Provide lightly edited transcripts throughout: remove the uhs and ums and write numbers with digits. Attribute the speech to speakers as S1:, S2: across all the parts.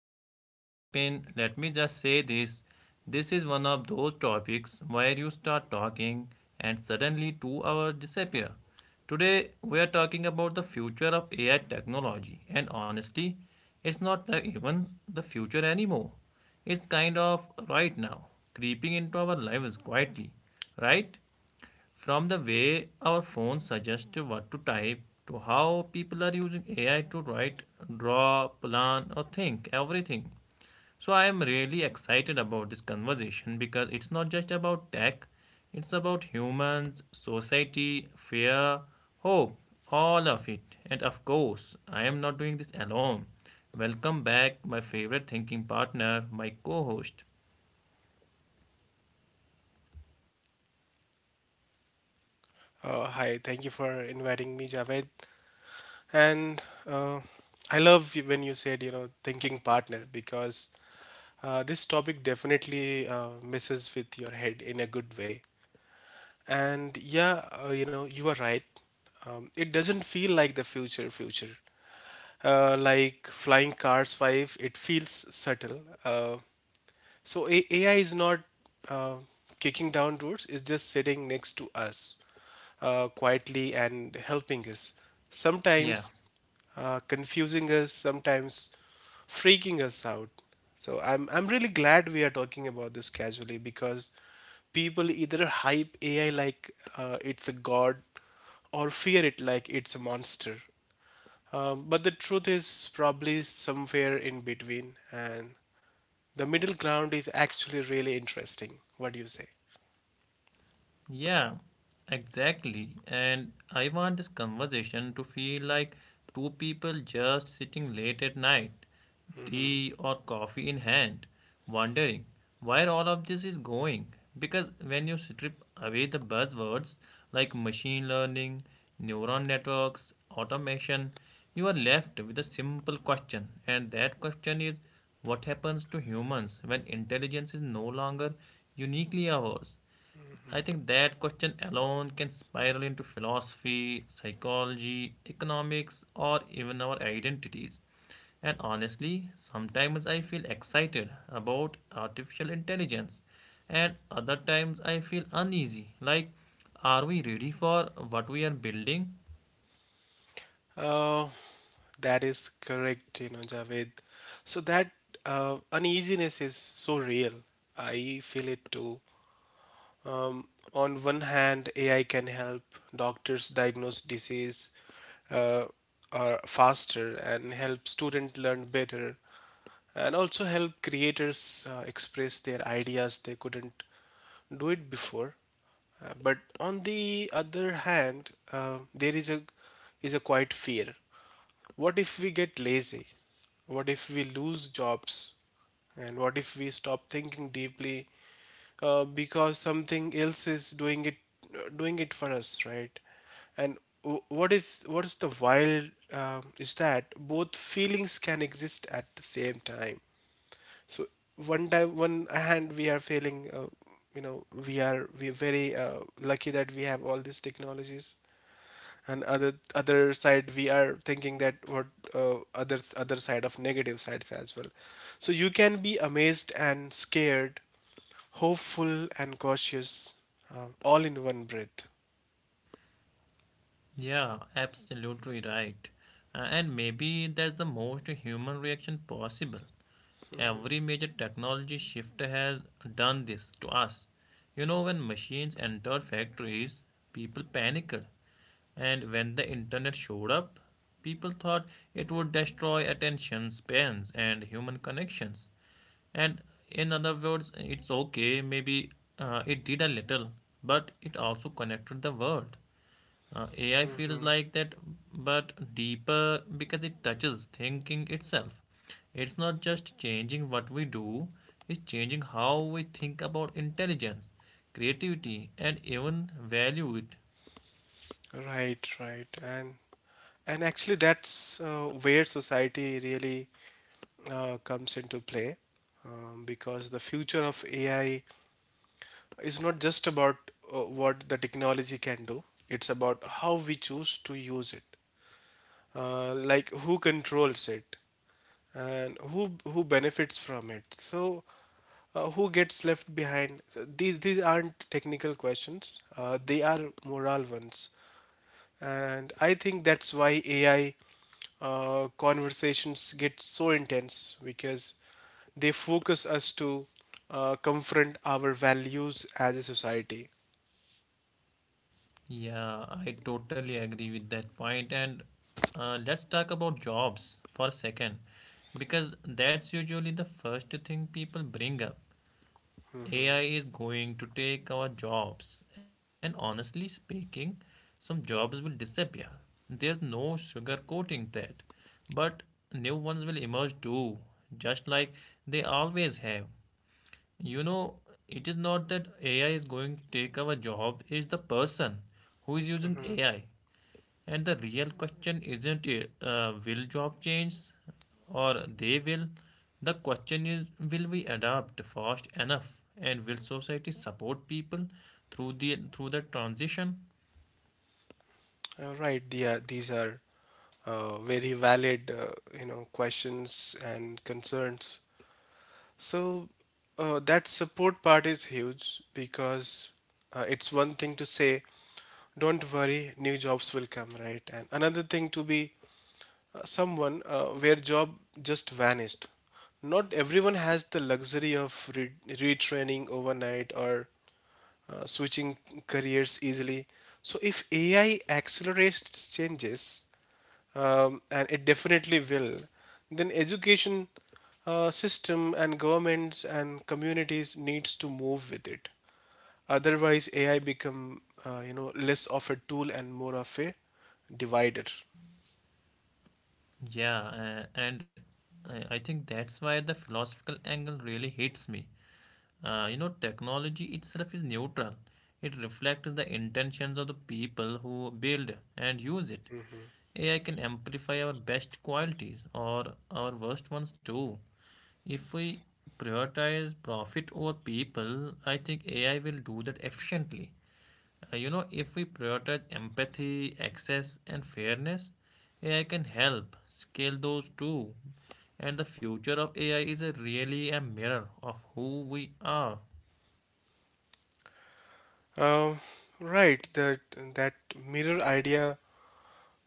S1: before we jump in, let me just say this. This is one of those topics where you start talking and suddenly 2 hours disappear. Today, we are talking about the future of AI technology, and honestly, it's not like even the future anymore. It's kind of right now, creeping into our lives quietly, right? From the way our phones suggest what to type to how people are using AI to write, draw, plan, or think everything. So, I am really excited about this conversation because it's not just about tech, it's about humans, society, fear, hope, all of it. And of course, I am not doing this alone. Welcome back, my favorite thinking partner, my co host.
S2: Hi, thank you for inviting me, Javed. And uh, I love you when you said, you know, thinking partner, because this topic definitely messes with your head in a good way. And yeah, you know, you are right. It doesn't feel like the future. Like Flying Cars 5, it feels subtle. AI is not uh, kicking down doors; it's just sitting next to us, quietly and helping us.
S1: Yeah.
S2: Sometimes confusing us, sometimes freaking us out. So I'm really glad we are talking about this casually because people either hype AI like it's a god, or fear it like it's a monster. But the truth is probably somewhere in between, and the middle ground is actually really interesting. What do you say?
S1: Yeah, exactly. And I want this conversation to feel like two people just sitting late at night, tea or coffee in hand, wondering where all of this is going. Because when you strip away the buzzwords like machine learning, neuron networks, automation, you are left with a simple question. And that question is, what happens to humans when intelligence is no longer uniquely ours? I think that question alone can spiral into philosophy, psychology, economics, or even our identities. And honestly, sometimes I feel excited about artificial intelligence, and other times I feel uneasy like, are we ready for what we are building?
S2: Oh, that is correct, you know, Javed. So that uneasiness is so real. I feel it too. Um, on one hand, AI can help doctors diagnose disease uh, faster, and help students learn better, and also help creators express their ideas they couldn't do it before. But on the other hand, there is a quite fear. What if we get lazy? What if we lose jobs? And what if we stop thinking deeply because something else is doing it for us, right? And what is the wild is that both feelings can exist at the same time. So one time, one hand we are feeling, you know, we are very lucky that we have all these technologies, and other side we are thinking that what, other side of negative sides as well. So you can be amazed and scared, hopeful and cautious, all in one breath.
S1: Yeah, absolutely right. And maybe that's the most human reaction possible. Every major technology shift has done this to us. You know, when machines entered factories, people panicked. And when the internet showed up, people thought it would destroy attention spans and human connections. And in other words, it's okay, maybe it did a little, but it also connected the world. AI feels
S2: hmm
S1: like that, but deeper because it touches thinking itself. It's not just changing what we do, it's changing how we think about intelligence, creativity, and even value it.
S2: right, right. And actually that's where society really comes into play, because the future of AI is not just about what the technology can do. It's about how we choose to use it, like who controls it, and who benefits from it, so who gets left behind. These aren't technical questions, they are moral ones. And I think that's why AI conversations get so intense, because they focus us to confront our values as a society.
S1: Yeah, I totally agree with that point. And let's talk about jobs for a second, because that's usually the first thing people bring up.
S2: Mm-hmm.
S1: AI is going to take our jobs, and honestly speaking, some jobs will disappear. There's no sugarcoating that. But new ones will emerge too, just like they always have. You know, it is not that AI is going to take our job, it's the person who is using
S2: Mm-hmm.
S1: AI. And the real question isn't, will job change or they will. The question is, will we adapt fast enough and will society support people through the transition?
S2: Right, yeah, these are very valid, you know, questions and concerns. So that support part is huge, because it's one thing to say don't worry, new jobs will come, right, and another thing to be someone where job just vanished. Not everyone has the luxury of retraining overnight, or switching careers easily. So if AI accelerates changes, and it definitely will, then education system, and governments, and communities needs to move with it. Otherwise, AI become you know, less of a tool and more of a divider.
S1: Yeah, and I think that's why the philosophical angle really hits me. You know, technology itself is neutral. It reflects the intentions of the people who build and use it. AI can amplify our best qualities or our worst ones too. If we prioritize profit over people, I think AI will do that efficiently. You know, if we prioritize empathy, access, and fairness, AI can help scale those too. And the future of AI is a really a mirror of who we are.
S2: Uh, right, that that mirror idea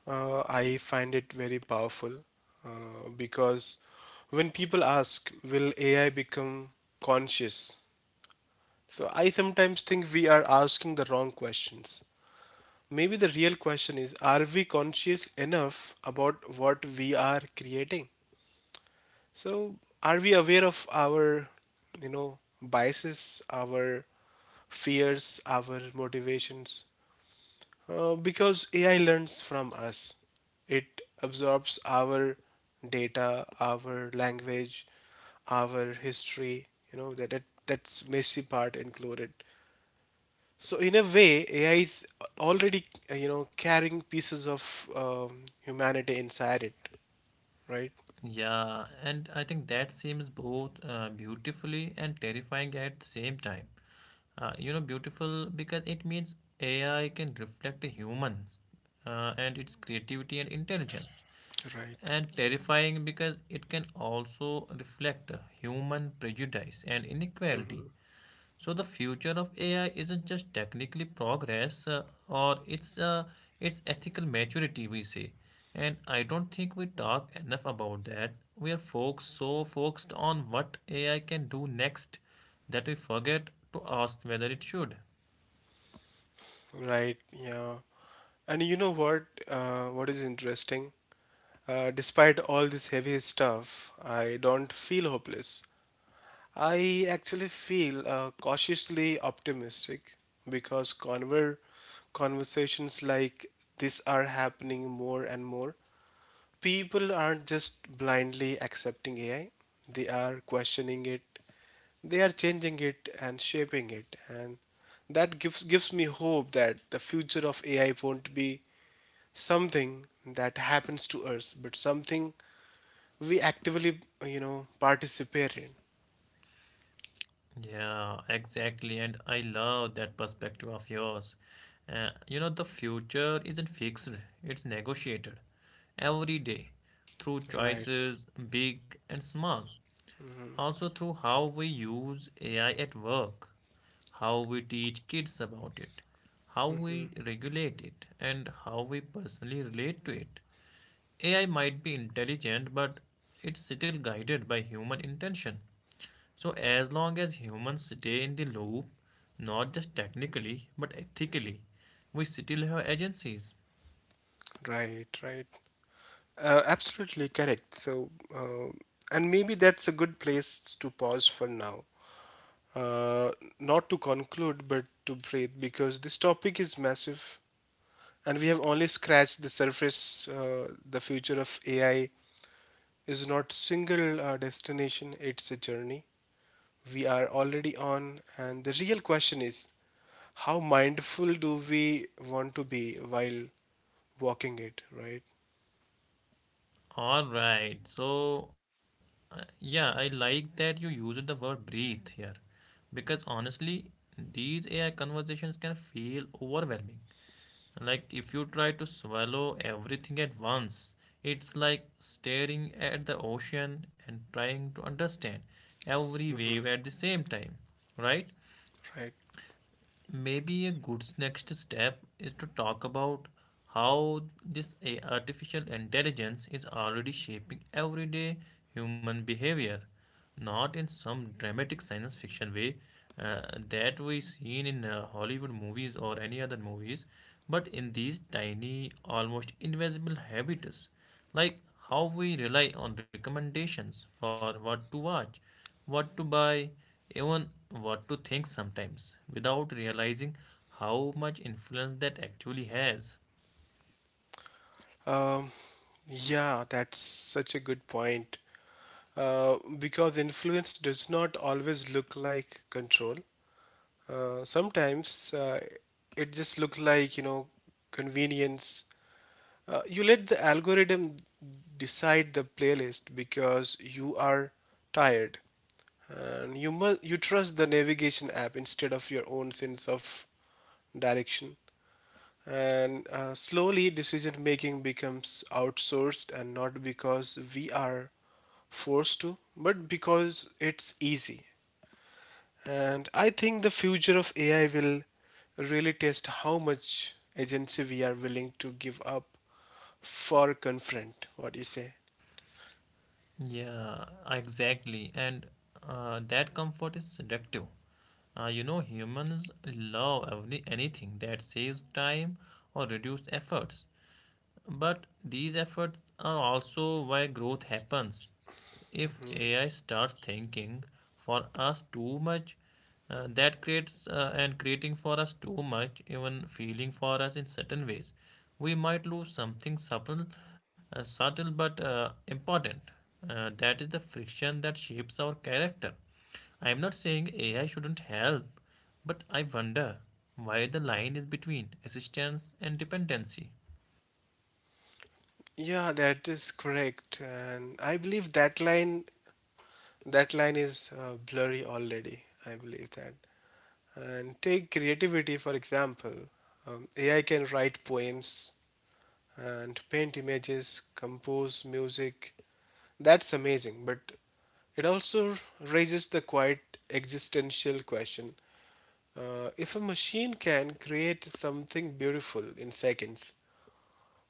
S2: I find it very powerful, because when people ask, will AI become conscious? So I sometimes think we are asking the wrong questions. Maybe the real question is, are we conscious enough about what we are creating? So, are we aware of our, you know, biases, our fears, our motivations? Because AI learns from us, it absorbs our data, our language, our history, you know, that's messy part included. So in a way, AI is already you know, carrying pieces of humanity inside it, right?
S1: Yeah, and I think that seems both beautifully and terrifying at the same time. You know, beautiful because it means AI can reflect a human and its creativity and intelligence,
S2: Right.
S1: and terrifying because it can also reflect human prejudice and inequality.
S2: Hmm.
S1: So the future of AI isn't just technically progress, or it's ethical maturity we say, and I don't think we talk enough about that. We are folks so focused on what AI can do next that we forget to ask whether it should.
S2: Right. Yeah. And you know what? What is interesting? Despite all this heavy stuff, I don't feel hopeless. I actually feel cautiously optimistic, because conversations like this are happening more and more. People aren't just blindly accepting AI, they are questioning it, they are changing it and shaping it. And that gives me hope that the future of AI won't be something that happens to us, but something we actively, you know, participate in.
S1: Yeah, exactly, and I love that perspective of yours. You know, the future isn't fixed; it's negotiated every day through
S2: Right.
S1: choices big and small. Also through how we use AI at work, how we teach kids about it, how
S2: Hmm.
S1: we regulate it, and how we personally relate to it. AI might be intelligent, but it's still guided by human intention. So, as long as humans stay in the loop, not just technically but ethically, we still have agencies.
S2: Right, right. Absolutely correct. So, uh, and maybe that's a good place to pause for now. uh, Not to conclude, but to breathe, because this topic is massive and we have only scratched the surface. The future of AI is not single destination, it's a journey we are already on. And the real question is, how mindful do we want to be while walking it, right?
S1: All right. So, yeah, I like that you used the word breathe here because honestly, these AI conversations can feel overwhelming. Like, if you try to swallow everything at once, it's like staring at the ocean and trying to understand every
S2: Hmm.
S1: wave at the same time, right?
S2: Right.
S1: Maybe a good next step is to talk about how this a- I artificial intelligence is already shaping everyday human behavior, not in some dramatic science fiction way uh, that we seen in Hollywood movies or any other movies, but in these tiny, almost invisible habits like how we rely on recommendations for what to watch, what to buy, even what to think sometimes, without realizing how much influence that actually has.
S2: Um, yeah, that's such a good point. Because influence does not always look like control. Sometimes it just look like, you know, convenience. You let the algorithm decide the playlist because you are tired, and you trust the navigation app instead of your own sense of direction. And slowly, decision making becomes outsourced, and not because we are forced to, but because it's easy. And I think the future of AI will really test how much agency we are willing to give up for confront. What do you say?
S1: Yeah, exactly. And that comfort is seductive. You know, humans love every, anything that saves time or reduces efforts. But these efforts are also why growth happens. If
S2: Hmm.
S1: AI starts thinking for us too much, that creates and creating for us too much, even feeling for us in certain ways, we might lose something subtle, subtle but important. That is the friction that shapes our character. I am not saying AI shouldn't help, but I wonder why the line is between assistance and dependency.
S2: Yeah, that is correct. And I believe that line is blurry already. I believe that. And take creativity for example. AI can write poems, and paint images, compose music. That's amazing, but it also raises the quite existential question, if a machine can create something beautiful in seconds,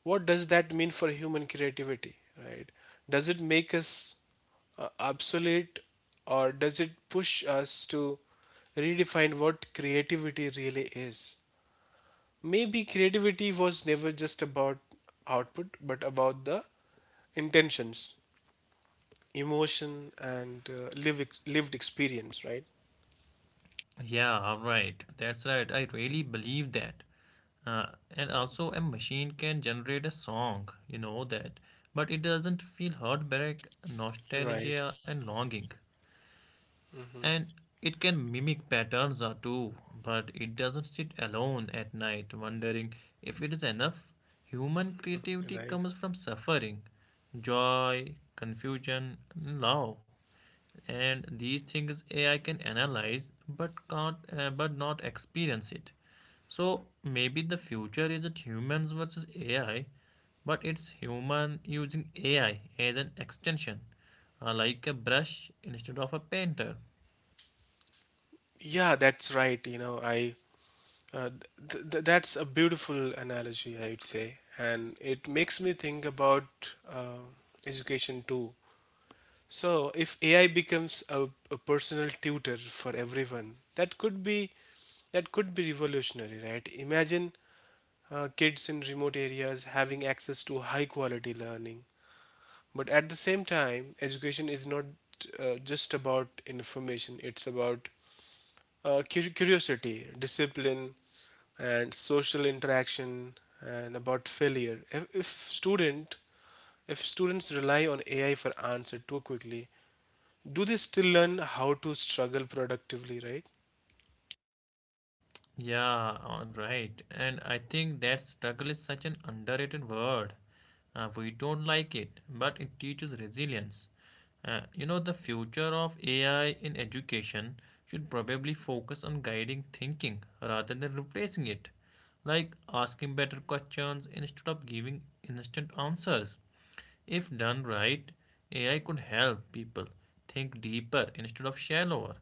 S2: what does that mean for human creativity, right? Does it make us obsolete, or does it push us to redefine what creativity really is? Maybe creativity was never just about output, but about the intentions, emotion, and lived experience, right?
S1: Yeah, all right. That's right. I really believe that. Uh, and also, a machine can generate a song, you know that, but it doesn't feel heartbreak,
S2: Right.
S1: nostalgia, and longing,
S2: Mhm.
S1: and it can mimic patterns or two, but it doesn't sit alone at night wondering if it is enough. Human creativity
S2: Right.
S1: comes from suffering, joy, confusion, and love, and these things AI can analyze but can't but not experience it. So maybe the future isn't humans versus AI, but it's human using AI as an extension, like a brush instead of a painter.
S2: Yeah, that's right. You know, I uh, that's a beautiful analogy, I would say, and it makes me think about education too. So, if AI becomes a personal tutor for everyone, that could be revolutionary, right? Imagine kids in remote areas having access to high quality learning. But at the same time, education is not just about information, it's about uh, curiosity, discipline, and social interaction, and about failure. Student if students rely on AI for answer too quickly, do they still learn how to struggle productively, right?
S1: Yeah, all right. And I think that struggle is such an underrated word. We don't like it, but it teaches resilience. You know, the future of AI in education should probably focus on guiding thinking rather than replacing it, like asking better questions instead of giving instant answers. If done right, AI could help people think deeper instead of shallower.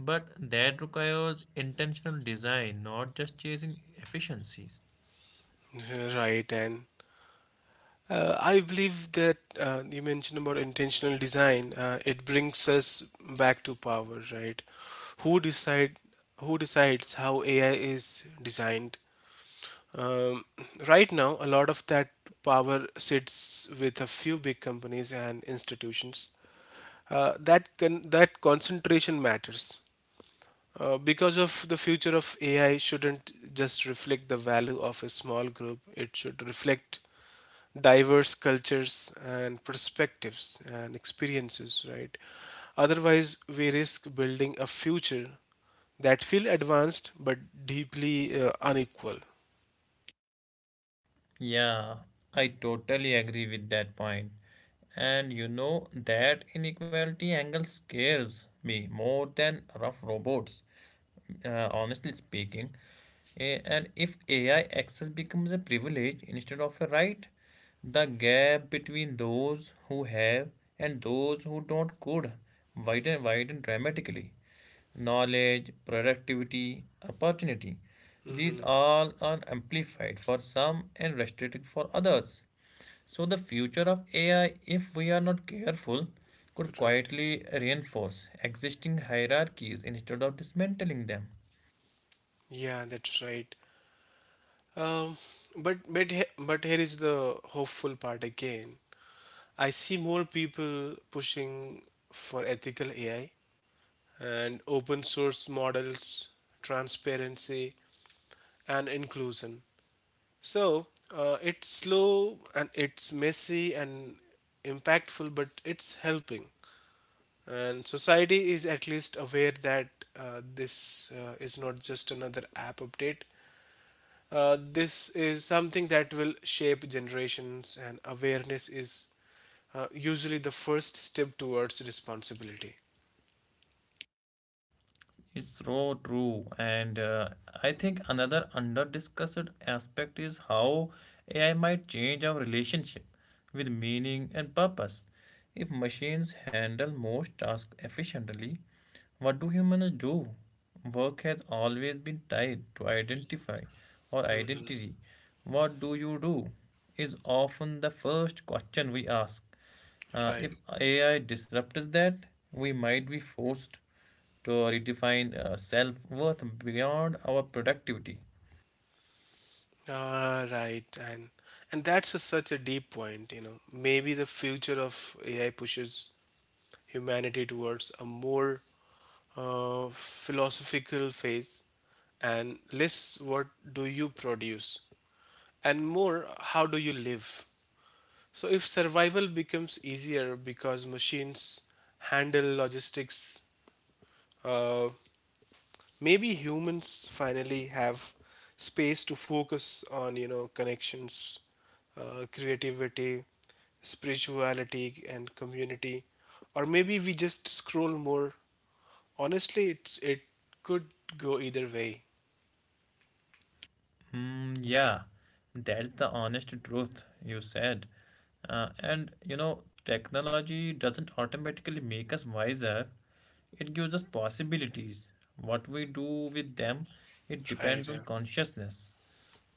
S1: But that requires intentional design, not just chasing efficiencies.
S2: Right, and I believe that, you mentioned about intentional design. It brings us back to power, right? Who decide? Who decides how AI is designed? Um, right now, a lot of that power sits with a few big companies and institutions. That concentration matters because of the future of AI shouldn't just reflect the value of a small group. It should reflect diverse cultures and perspectives and experiences, right? Otherwise, we risk building a future that feel advanced but deeply unequal.
S1: Yeah, I totally agree with that point. And you know that inequality angle scares me more than rough robots, honestly speaking. And if AI access becomes a privilege instead of a right, the gap between those who have and those who don't could widen dramatically. Knowledge, productivity, opportunity. These
S2: Hmm.
S1: all are amplified for some and restricted for others. So, the future of AI, if we are not careful, could
S2: Right.
S1: quietly reinforce existing hierarchies instead of dismantling them.
S2: Yeah, that's right. Um, but here is the hopeful part again. I see more people pushing for ethical AI, and open source models, transparency, and inclusion. So it's slow, and it's messy, and impactful, but it's helping. And society is at least aware that this is not just another app update. This is something that will shape generations, and awareness is usually the first step towards responsibility.
S1: It's so true. And I think another under-discussed aspect is how AI might change our relationship with meaning and purpose. If machines handle most tasks efficiently, what do humans do? Work has always been tied to identify or
S2: Mhm.
S1: identity. What do you do? Is often the first question we ask. Uh,
S2: Right.
S1: if AI disrupts that, we might be forced to redefine self worth beyond our productivity.
S2: Ah, right. And that's a such a deep point, you know. Maybe the future of AI pushes humanity towards a more philosophical phase, and less what do you produce, and more how do you live. So, if survival becomes easier because machines handle logistics, uh, maybe humans finally have space to focus on, you know, connections, creativity, spirituality, and community, or maybe we just scroll more. Honestly, it's it could go either way,
S1: Hmm. Yeah, that's the honest truth you said. And you know, technology doesn't automatically make us wiser, it gives us possibilities. What we do with them, it
S2: right?
S1: depends on
S2: Yeah.
S1: consciousness,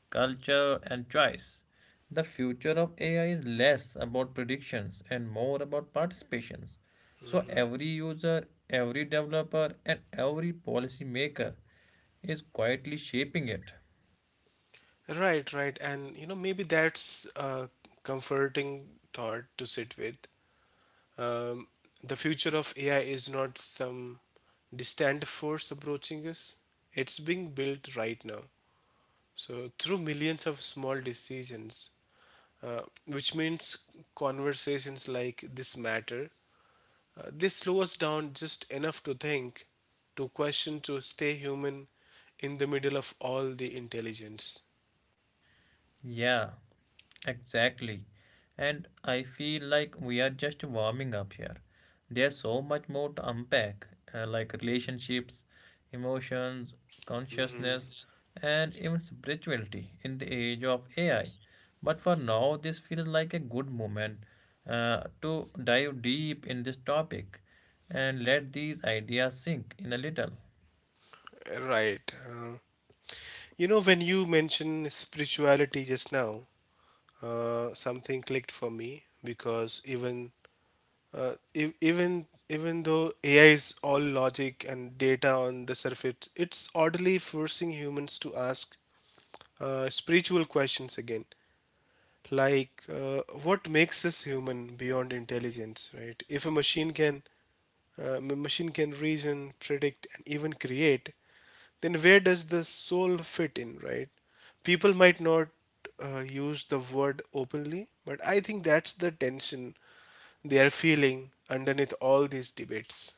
S1: culture, and choice. The future of AI is less about predictions and more about participations. So
S2: Mhm.
S1: every user, every developer, and every policymaker is quietly shaping it.
S2: Right, right. And you know, maybe that's a comforting thought to sit with. Um, the future of AI is not some distant force approaching us. It's being built right now. So through millions of small decisions, which means conversations like this matter. They slow us down just enough to think, to question, to stay human in the middle of all the intelligence.
S1: Yeah, exactly. And I feel like we are just warming up here. There's so much more to unpack, like relationships, emotions, consciousness, and even spirituality in the age of AI. But for now, this feels like a good moment to dive deep in this topic and let these ideas sink in a little.
S2: Right. You know, when you mention spirituality just now, something clicked for me, because even ev- even even though AI is all logic and data on the surface, it's oddly forcing humans to ask spiritual questions again. Like what makes us human beyond intelligence right if a uh, machine can reason, predict, and even create, then where does the soul fit in, right? People might not use the word openly, but I think that's the tension they are feeling underneath all these debates.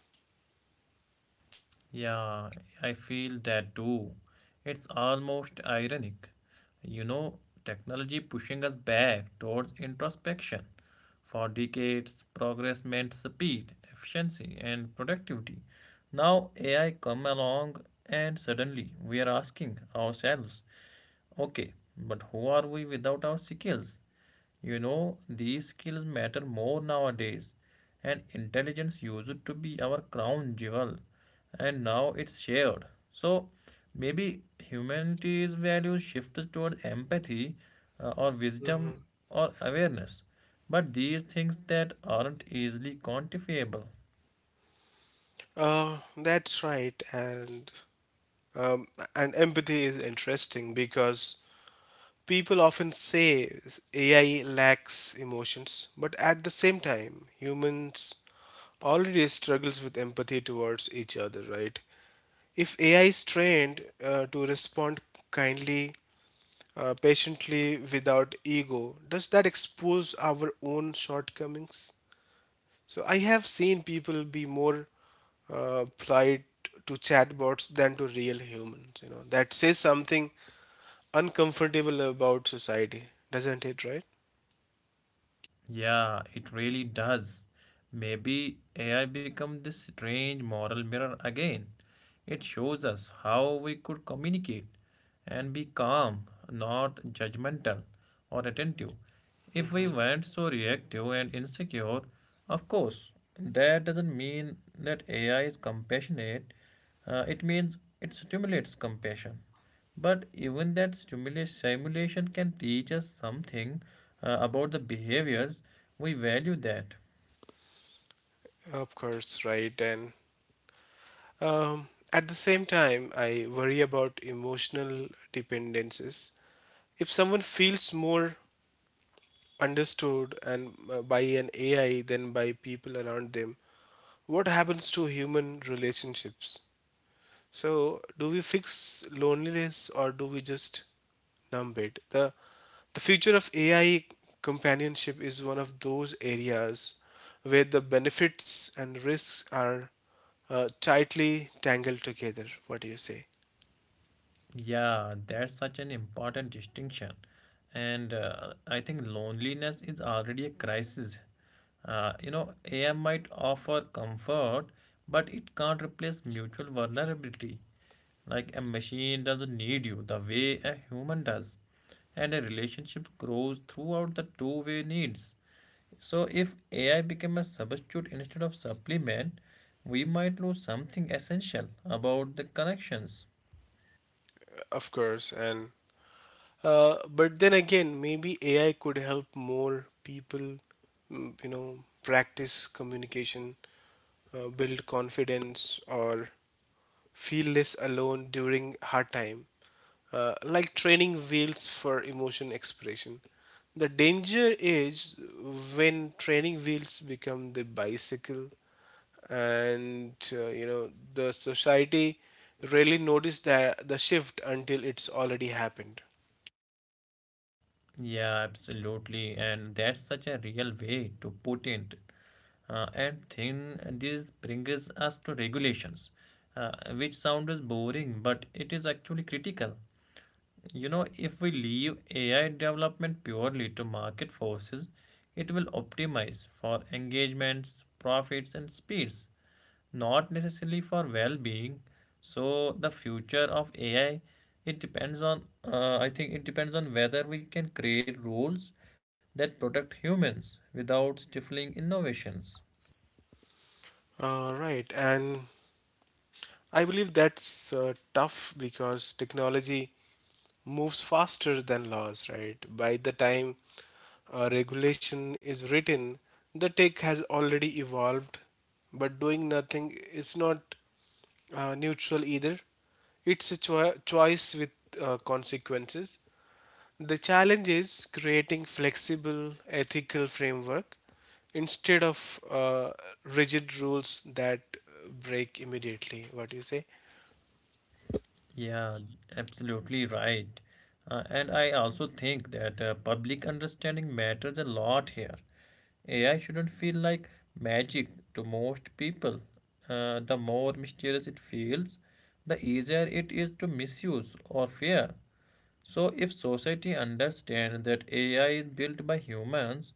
S1: Yeah, I feel that too. It's almost ironic. You know, technology pushing us back towards introspection. For decades, progress meant speed, efficiency, and productivity. Now AI come along and suddenly we are asking ourselves, okay, but who are we without our skills? You know, these skills matter more nowadays, and intelligence used to be our crown jewel, and now it's shared. So maybe humanity's values shifts toward empathy or wisdom
S2: Mm-hmm.
S1: or awareness, but these things that aren't easily quantifiable.
S2: That's right, um, and empathy is interesting because people often say AI lacks emotions, but at the same time, humans already struggles with empathy towards each other, right? If AI is trained to respond kindly, patiently, without ego, does that expose our own shortcomings? So I have seen people be more polite to chatbots than to real humans. You know that says something uncomfortable about society, doesn't it? Right?
S1: Yeah, it really does. Maybe AI become this strange moral mirror again. It shows us how we could communicate and be calm, not judgmental or attentive. If we
S2: Mm-hmm.
S1: weren't so reactive and insecure, of course, that doesn't mean that AI is compassionate. It means it stimulates compassion. But even that simulation can teach us something about the behaviors we value that.
S2: Of course, right. And um, at the same time, I worry about emotional dependencies. If someone feels more understood and by an AI than by people around them, what happens to human relationships? So, do we fix loneliness or do we just numb it? The future of AI companionship is one of those areas where the benefits and risks are tightly tangled together. What do you say?
S1: Yeah, that's such an important distinction. And I think loneliness is already a crisis. You know, AI might offer comfort, but it can't replace mutual vulnerability. Like a machine doesn't need you the way a human does, and a relationship grows throughout the two-way needs. So if AI became a substitute instead of supplement, we might lose something essential about the connections.
S2: Of course, and but then again, maybe AI could help more people, mm, you know, practice communication, build confidence, or feel less alone during hard time. Like training wheels for emotion expression. The danger is when training wheels become the bicycle and you know the society really noticed that the shift until it's already happened.
S1: Yeah, absolutely. And that's such a real way to put it. And then this brings us to regulations, which sounds boring, but it is actually critical. You know, if we leave AI development purely to market forces, it will optimize for engagements, profits, and speeds, not necessarily for well-being. So the future of AI, it depends on I think it depends on whether we can create rules that protect humans without stifling innovations.
S2: Right, and I believe that's tough because technology moves faster than laws, right? By the time a regulation is written, the tech has already evolved, but doing nothing is not neutral either. It's a choice with consequences. The challenge is creating flexible ethical framework instead of rigid rules that break immediately. What do you say?
S1: Yeah, absolutely right. And I also think that public understanding matters a lot here. AI shouldn't feel like magic to most people. The more mysterious it feels, the easier it is to misuse or fear. So, if society understands that AI is built by humans,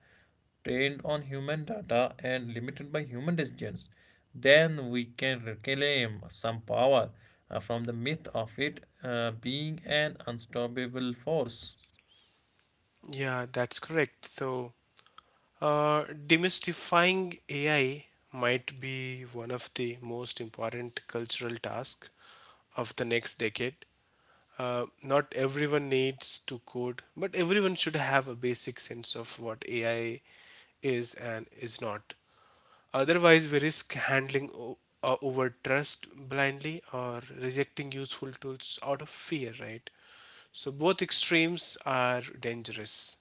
S1: trained on human data, and limited by human decisions, then we can reclaim some power from the myth of it being an unstoppable force.
S2: Yeah, that's correct. So, demystifying AI might be one of the most important cultural tasks of the next decade. Not everyone needs to code, but everyone should have a basic sense of what AI is and is not. Otherwise, we risk handling over trust blindly or rejecting useful tools out of fear, right? So, both extremes are dangerous.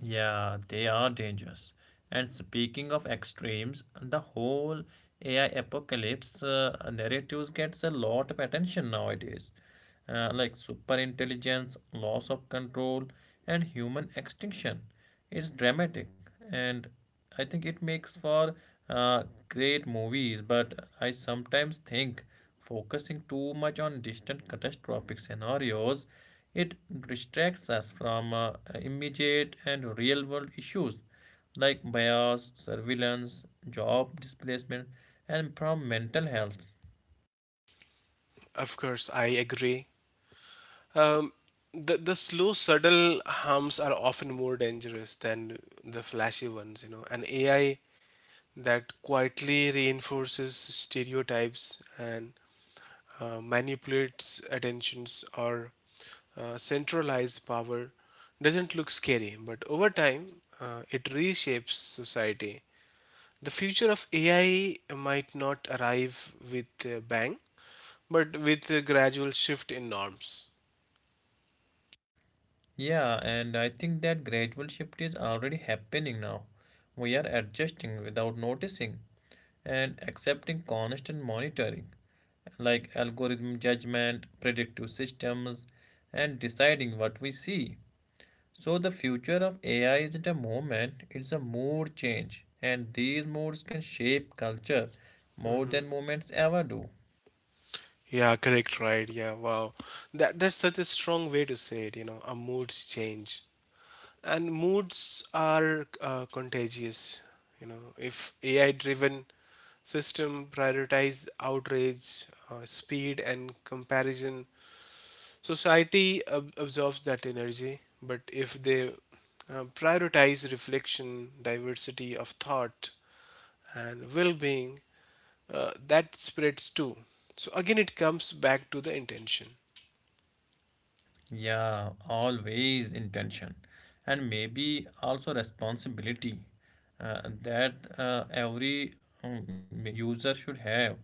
S1: Yeah, they are dangerous. And speaking of extremes, the whole AI apocalypse narratives gets a lot of attention nowadays. Like super intelligence, loss of control, and human extinction. It's dramatic, and I think it makes for uh, great movies. But I sometimes think focusing too much on distant catastrophic scenarios, it distracts us from immediate and real world issues like bias, surveillance, job displacement, and from mental health.
S2: Of course, I agree. Um, the slow, subtle harms are often more dangerous than the flashy ones, you know. An AI that quietly reinforces stereotypes and manipulates attentions or centralize power doesn't look scary, but over time, it reshapes society. The future of AI might not arrive with a bang, but with a gradual shift in norms.
S1: Yeah, and I think that gradual shift is already happening now. We are adjusting without noticing and accepting constant monitoring, like algorithm judgment, predictive systems, and deciding what we see. So the future of AI isn't a moment, it's a mood change, and these moods can shape culture more than moments ever do.
S2: Yeah, correct, right. Yeah, wow. That's such a strong way to say it, you know, a mood change. And moods are contagious. You know, if AI driven system prioritize outrage, speed, and comparison. Society absorbs that energy, but if they prioritize reflection, diversity of thought, and well being, that spreads too. So again, it comes back to the intention.
S1: Yeah, always intention, and maybe also responsibility that every user should have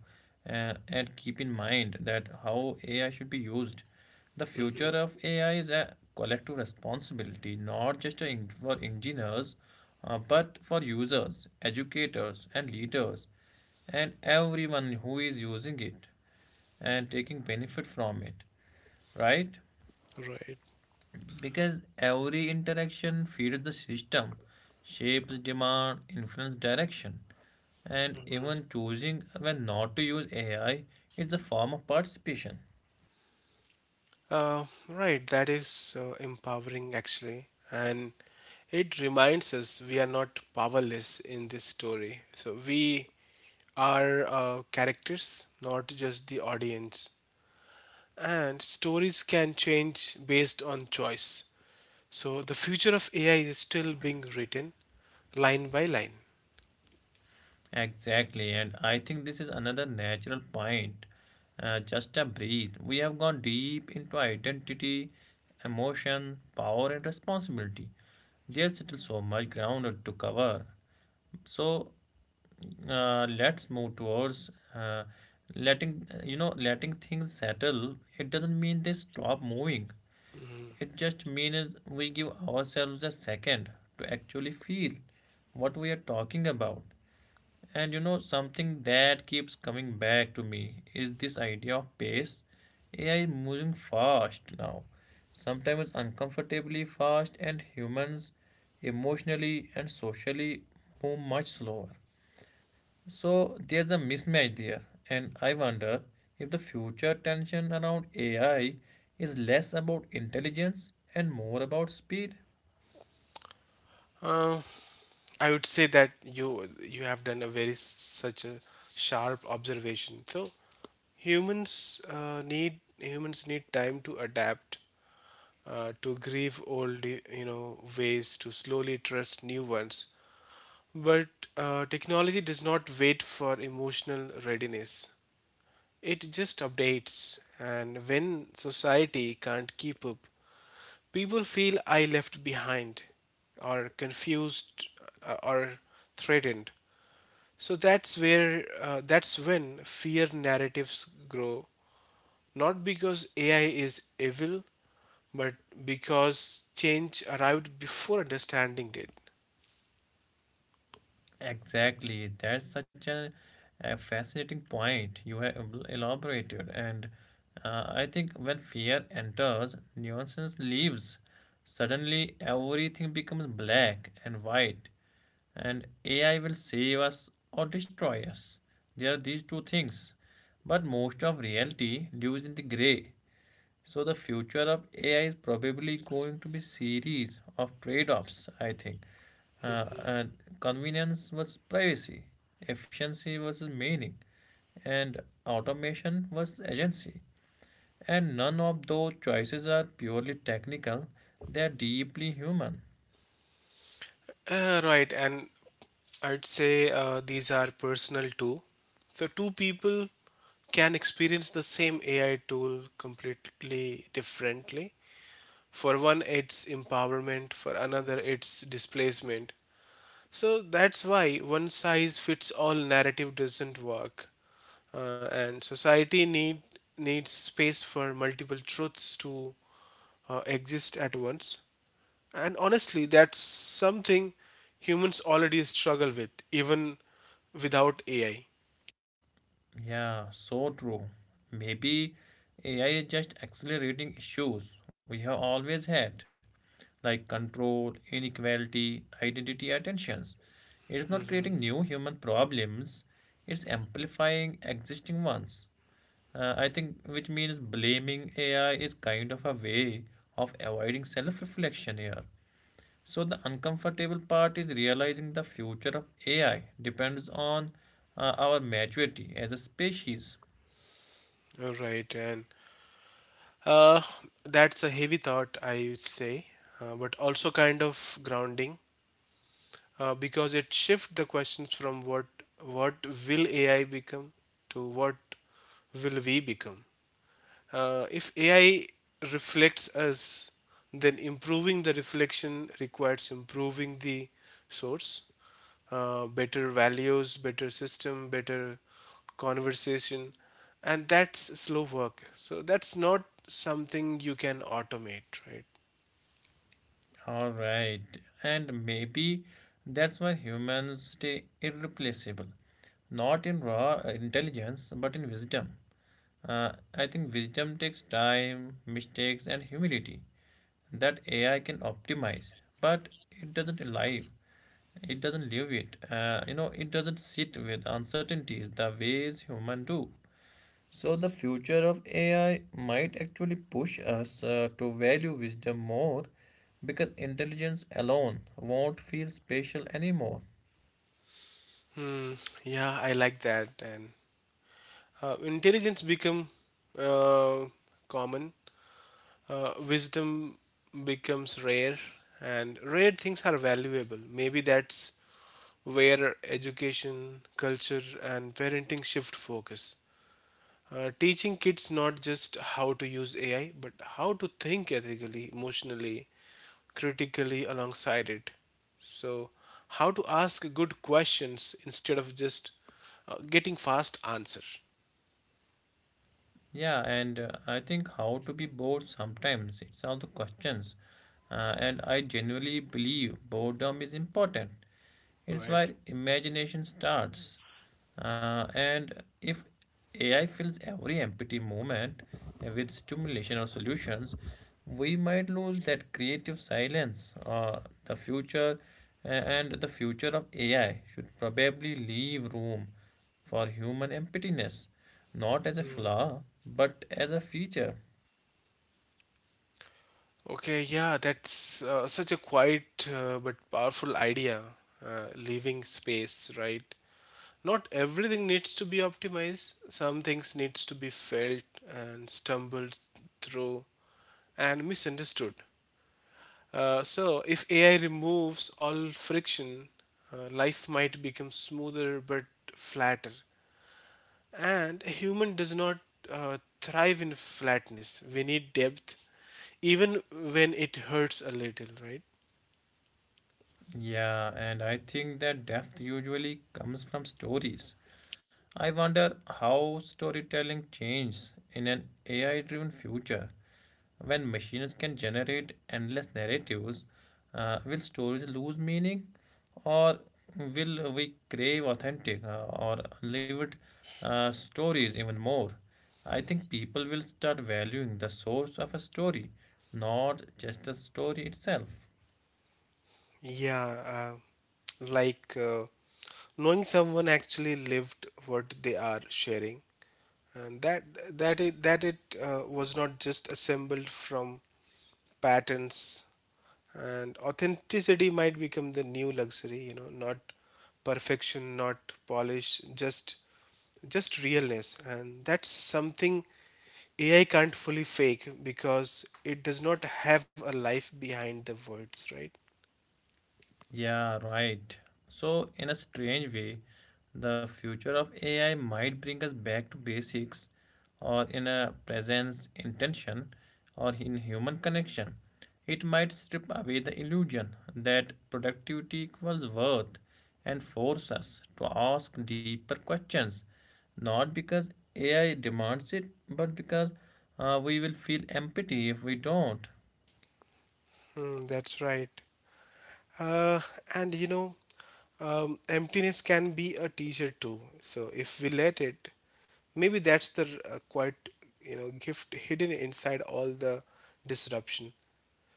S1: and keep in mind that how AI should be used. The
S2: Hmm.
S1: future of AI is a collective responsibility, not just a for engineers, but for users, educators, and leaders, and everyone who is using it and taking benefit from it, right?
S2: Right.
S1: Because every interaction feeds the system, shapes demand, influence direction, and
S2: Hmm.
S1: even choosing when not to use AI is a form of participation.
S2: Right. That is empowering, actually. And it reminds us we are not powerless in this story. So we are characters, not just the audience. And stories can change based on choice. So the future of AI is still being written line by line.
S1: Exactly, and I think this is another natural point. Just a breathe. We have gone deep into identity, emotion, power, and responsibility. There's still so much ground to cover. So let's move towards letting you know letting things settle. It doesn't mean they stop moving.
S2: Mm-hmm.
S1: It just means we give ourselves a second to actually feel what we are talking about. And you know something that keeps coming back to me is this idea of pace. AI is moving fast now, sometimes uncomfortably fast, and humans, emotionally and socially, move much slower. So there's a mismatch there, and I wonder if the future tension around AI is less about intelligence and more about speed.
S2: Uh, I would say that you have done a very such a sharp observation. So humans need time to adapt, to grieve old you know ways, to slowly trust new ones. But technology does not wait for emotional readiness. It just updates, and when society can't keep up, people feel I left behind, or confused, or threatened. So that's when fear narratives grow. Not because AI is evil, but because change arrived before understanding did.
S1: Exactly. That's such a fascinating point you have elaborated. And I think when fear enters, nuisance leaves. Suddenly, everything becomes black and white. And AI will save us or destroy us. There are these two things. But most of reality lives in the gray. So the future of AI is probably going to be series of trade-offs, I think. Uh,
S2: Mhm.
S1: uh, convenience versus privacy, efficiency versus meaning, and automation versus agency. And none of those choices are purely technical, they are deeply human.
S2: Right, and I'd say these are personal too. So, two people can experience the same AI tool completely differently. For one, it's empowerment, for another, it's displacement. So, that's why one size fits all narrative doesn't work. And society needs space for multiple truths to exist at once. And honestly, that's something humans already struggle with, even without AI.
S1: Yeah, so true. Maybe AI is just accelerating issues we have always had, like control, inequality, identity, or tensions. It is not creating
S2: Mm-hmm.
S1: new human problems, it's amplifying existing ones. I think, which means blaming AI is kind of a way of avoiding self reflection here. So, the uncomfortable part is realizing the future of AI depends on our maturity as a species.
S2: All right, and uh, that's a heavy thought, I would say, but also kind of grounding because it shifts the questions from what will AI become to what will we become. If AI reflects us, then improving the reflection requires improving the source, better values, better system, better conversation, and that's slow work. So that's not something you can automate, right?
S1: All right, and maybe that's why humans stay irreplaceable, not in raw intelligence, but in wisdom. I think wisdom takes time, mistakes, and humility that AI can optimize, but it doesn't live. It doesn't live it. You know, it doesn't sit with uncertainties the ways human do. So, the future of AI might actually push us to value wisdom more because intelligence alone won't feel special anymore.
S2: Hmm. Yeah, I like that. And intelligence become uh, common, wisdom becomes rare, and rare things are valuable. Maybe that's where education, culture and parenting shift focus, teaching kids not just how to use AI, but how to think ethically, emotionally, critically alongside it. So how to ask good questions instead of just getting fast answer,
S1: Yeah, and I think how to be bored sometimes, it's all the questions. And I genuinely believe boredom is important. It's
S2: right?
S1: where imagination starts. And if AI fills every empty moment with stimulation or solutions, we might lose that creative silence. The future and the future of AI should probably leave room for human emptiness, not as a flaw, but as a feature.
S2: Okay, yeah, that's such a quiet but powerful idea. Leaving space, right? Not everything needs to be optimized. Some things needs to be felt and stumbled through and misunderstood. So if AI removes all friction, life might become smoother but flatter. And a human does not thrive in flatness. We need depth, even when it hurts a little, right?
S1: Yeah, and I think that depth usually comes from stories. I wonder how storytelling changes in an AI driven future. When machines can generate endless narratives, will stories lose meaning, or will we crave authentic or lived stories even more? I think people will start valuing the source of a story, not just the story itself.
S2: Yeah, knowing someone actually lived what they are sharing, and that that it was not just assembled from patterns. And authenticity might become the new luxury, you know, not perfection, not polish, just realness, and that's something AI can't fully fake because it does not have a life behind the words, right?
S1: Yeah, right. So, in a strange way, the future of AI might bring us back to basics, or in a presence, intention, or in human connection. It might strip away the illusion that productivity equals worth and force us to ask deeper questions, not because AI demands it, but because we will feel empty if we don't.
S2: Hmm, that's right. uh, and you know, emptiness can be a teacher too, so if we let it, maybe that's the quite you know, gift hidden inside all the disruption.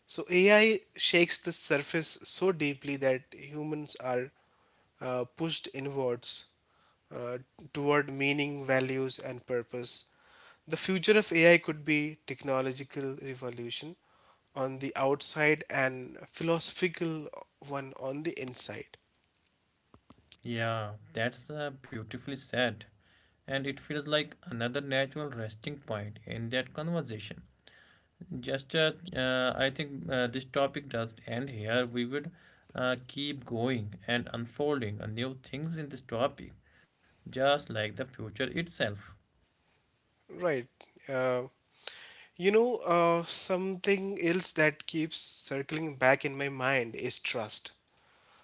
S2: So AI shakes the surface so deeply that humans are pushed inwards, uh, toward meaning, values, and purpose. The future of AI could be technological revolution on the outside and philosophical one on the inside.
S1: Yeah, that's beautifully said. And it feels like another natural resting point in that conversation. Just as I think this topic does end here, we would keep going and unfolding a new things in this topic, just like the future itself.
S2: Right. Uh, Something else that keeps circling back in my mind is trust.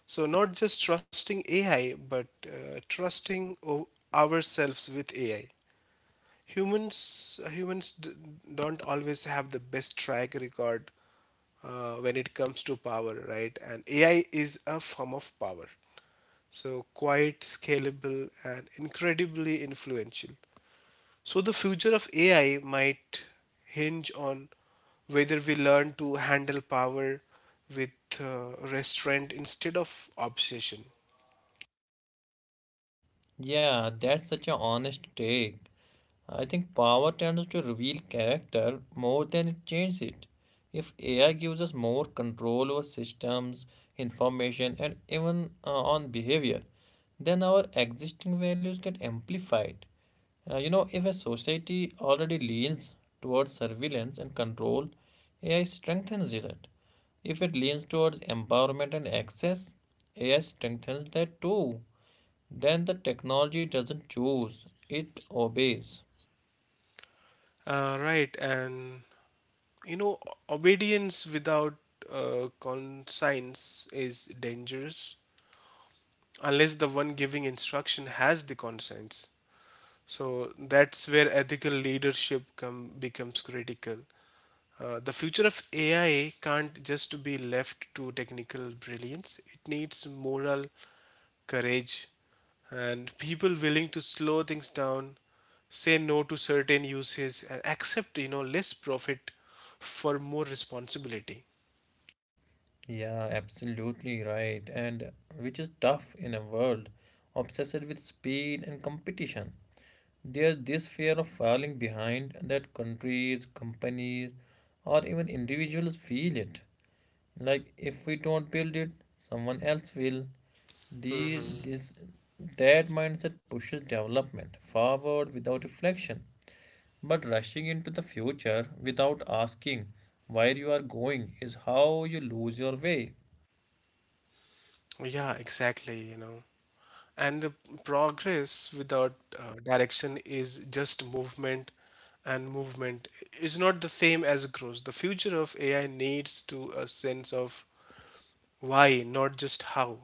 S2: So, not just trusting AI, but trusting ourselves with AI. Humans don't always have the best track record when it comes to power, right? And AI is a form of power. So, quite scalable and incredibly influential. So, the future of AI might hinge on whether we learn to handle power with restraint instead of obsession.
S1: Yeah, that's such an honest take. I think power tends to reveal character more than it changes it. If AI gives us more control over systems, information, and even on behavior, then our existing values get amplified. You know, if a society already leans towards surveillance and control, AI strengthens it. If it leans towards empowerment and access, AI strengthens that too. Then the technology doesn't choose, it obeys.
S2: Right, and you know, obedience without conscience is dangerous unless the one giving instruction has the conscience. So that's where ethical leadership becomes critical. The future of AI can't just be left to technical brilliance. It needs moral courage and people willing to slow things down, say no to certain uses, and accept, you know, less profit for more responsibility.
S1: Yeah, absolutely right. And which is tough in a world obsessed with speed and competition. There's this fear of falling behind that countries, companies, or even individuals feel it. Like if we don't build it, someone else will. These,
S2: Hmm.
S1: this, that mindset pushes development forward without reflection. But rushing into the future without asking where you are going is how you lose your way.
S2: Yeah, exactly. You know. And the progress without direction is just movement, and movement is not the same as growth. The future of AI needs to a sense of why, not just how.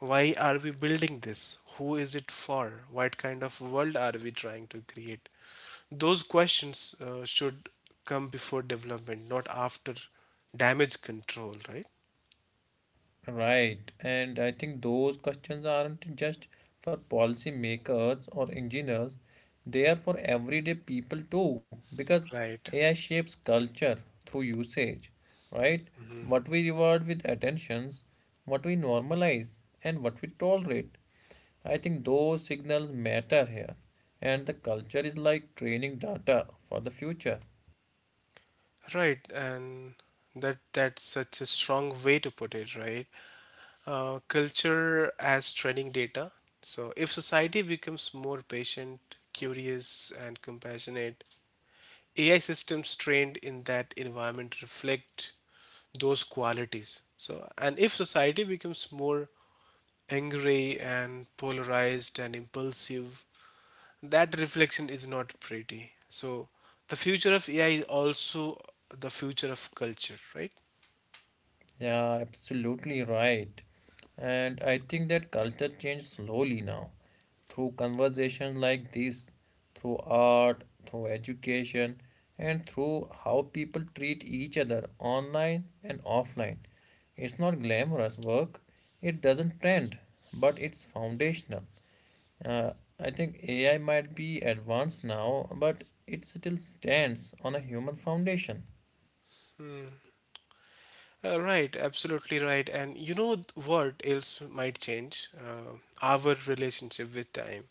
S2: Why are we building this? Who is it for? What kind of world are we trying to create? Those questions should come before development, not after damage control, right?
S1: Right, and I think those questions aren't just for policy makers or engineers, they are for everyday people too, because
S2: Right.
S1: AI shapes culture through usage, right? What we reward with attentions, what we normalize, and what we tolerate. I think those signals matter here, and the culture is like training data for the future.
S2: Right, and that's such a strong way to put it, right? Culture as training data. So if society becomes more patient, curious, and compassionate, AI systems trained in that environment reflect those qualities. So, and if society becomes more angry and polarized and impulsive, that reflection is not pretty. So, the future of AI is also the future of culture, right?
S1: Yeah, absolutely right. And I think that culture changed slowly now through conversations like this, through art, through education, and through how people treat each other online and offline. It's not glamorous work, it doesn't trend, but it's foundational. Uh, I think AI might be advanced now, but it still stands on a human foundation.
S2: Right, absolutely right. And you know what else might change? Our relationship with time.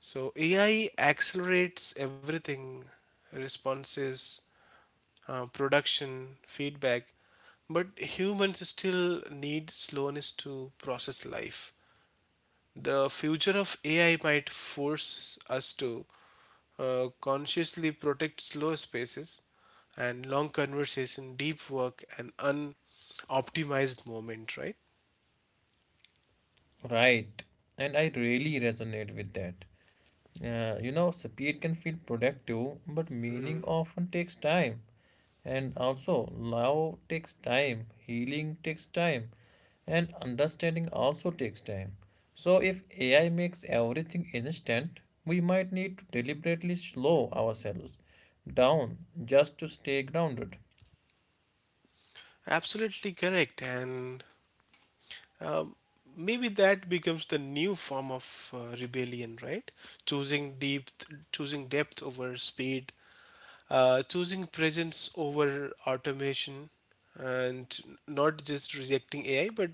S2: So AI accelerates everything, responses, production, feedback, but humans still need slowness to process life. The future of AI might force us to consciously protect slow spaces and long conversation, deep work, and unoptimized moment, right?
S1: Right, and I really resonate with that. You know, speed can feel productive, but meaning
S2: Mm,
S1: often takes time. And also, love takes time, healing takes time, and understanding also takes time. So, if AI makes everything instant, we might need to deliberately slow ourselves down just to stay grounded.
S2: absolutely correct. And um, maybe that becomes the new form of rebellion, right? Choosing depth, choosing depth over speed, choosing presence over automation, and not just rejecting AI, but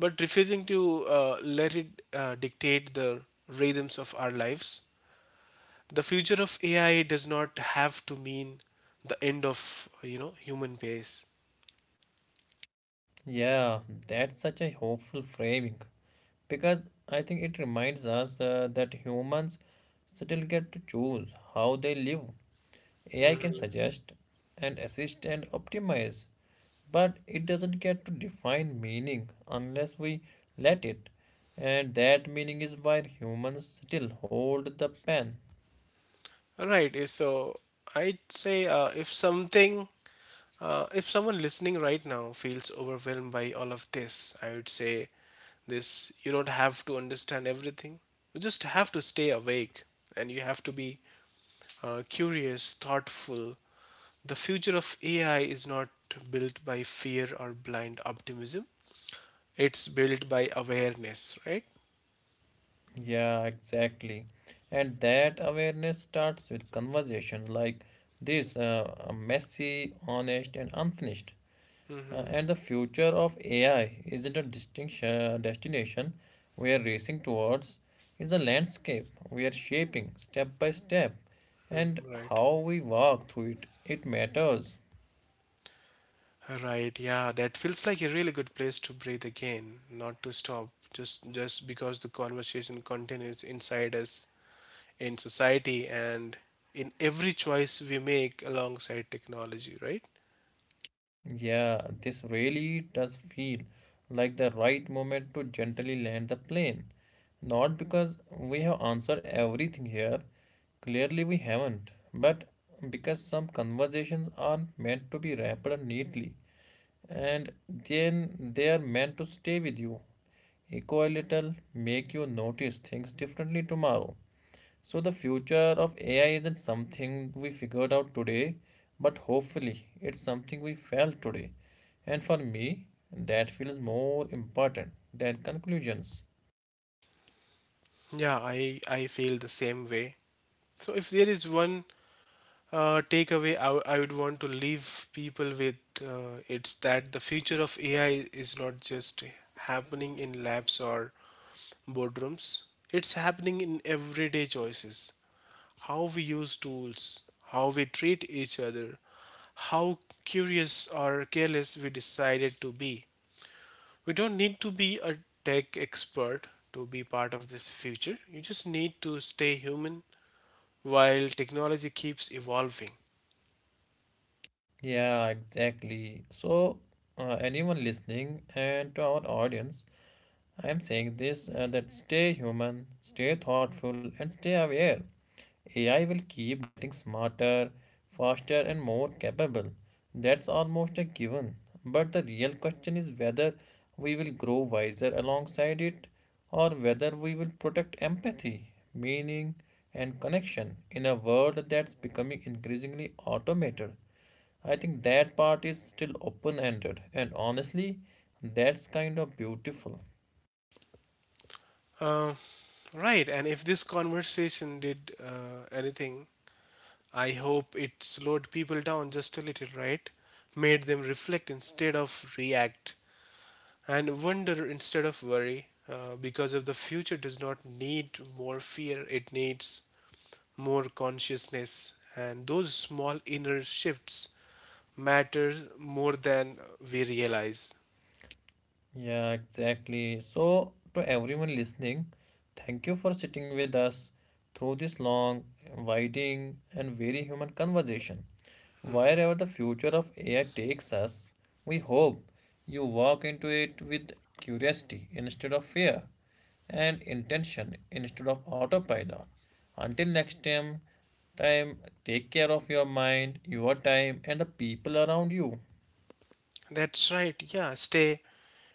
S2: refusing to let it dictate the rhythms of our lives. The future of AI does not have to mean the end of, you know, human pace.
S1: Yeah, that's such a hopeful framing because I think it reminds us that humans still get to choose how they live. AI can suggest and assist and optimize, but it doesn't get to define meaning unless we let it. And that meaning is why humans still hold the pen.
S2: Right. So I'd say if someone listening right now feels overwhelmed by all of this, I would say this: you don't have to understand everything. You just have to stay awake and you have to be curious, thoughtful. The future of AI is not built by fear or blind optimism, it's built by awareness, right?
S1: Yeah, exactly. And that awareness starts with conversations like this, messy, honest, and unfinished. And the future of AI isn't a distinction destination we are racing towards, it's a landscape we are shaping step by step, and
S2: Mm, right.
S1: how we walk through it, it matters.
S2: Right, yeah, that feels like a really good place to breathe again, not to stop, just because the conversation continues inside us, in society, and in every choice we make alongside technology, right?
S1: Yeah, this really does feel like the right moment to gently land the plane. Not because we have answered everything here, clearly we haven't, but because some conversations are meant to be wrapped up neatly and then they are meant to stay with you. Echo a little, make you notice things differently tomorrow. So, the future of AI isn't something we figured out today, but hopefully, it's something we felt today. And for me, that feels more important than conclusions.
S2: Yeah, I feel the same way. So if there is one takeaway I would want to leave people with, it's that the future of AI is not just happening in labs or boardrooms. It's happening in everyday choices: how we use tools, how we treat each other, how curious or careless we decided to be. We don't need to be a tech expert to be part of this future. You just need to stay human while technology keeps evolving.
S1: Yeah, exactly. So, anyone listening and to our audience, I am saying this that stay human, stay thoughtful, and stay aware. AI will keep getting smarter, faster, and more capable. That's almost a given. But the real question is whether we will grow wiser alongside it, or whether we will protect empathy, meaning, and connection in a world that's becoming increasingly automated. I think that part is still open ended, and honestly, that's kind of beautiful.
S2: Uh, right, and if this conversation did anything, I hope it slowed people down just a little, right? Made them reflect instead of react and wonder instead of worry, because if the future does not need more fear, it needs more consciousness, and those small inner shifts matter more than we realize.
S1: Yeah, exactly. So, to everyone listening, thank you for sitting with us through this long, winding, and very human conversation. Wherever the future of AI takes us, we hope you walk into it with curiosity instead of fear and intention instead of autopilot. Until next time take care of your mind, your time, and the people around you.
S2: That's right. Yeah, stay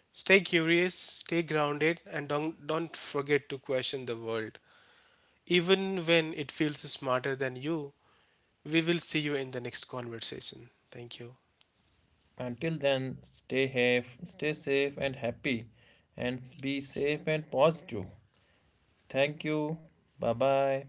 S2: stay curious, stay grounded, and don't forget to question the world even when it feels smarter than you. We will see you in the next conversation. Thank you.
S1: Until then, stay safe and happy, and be safe and positive. Thank you. Bye bye.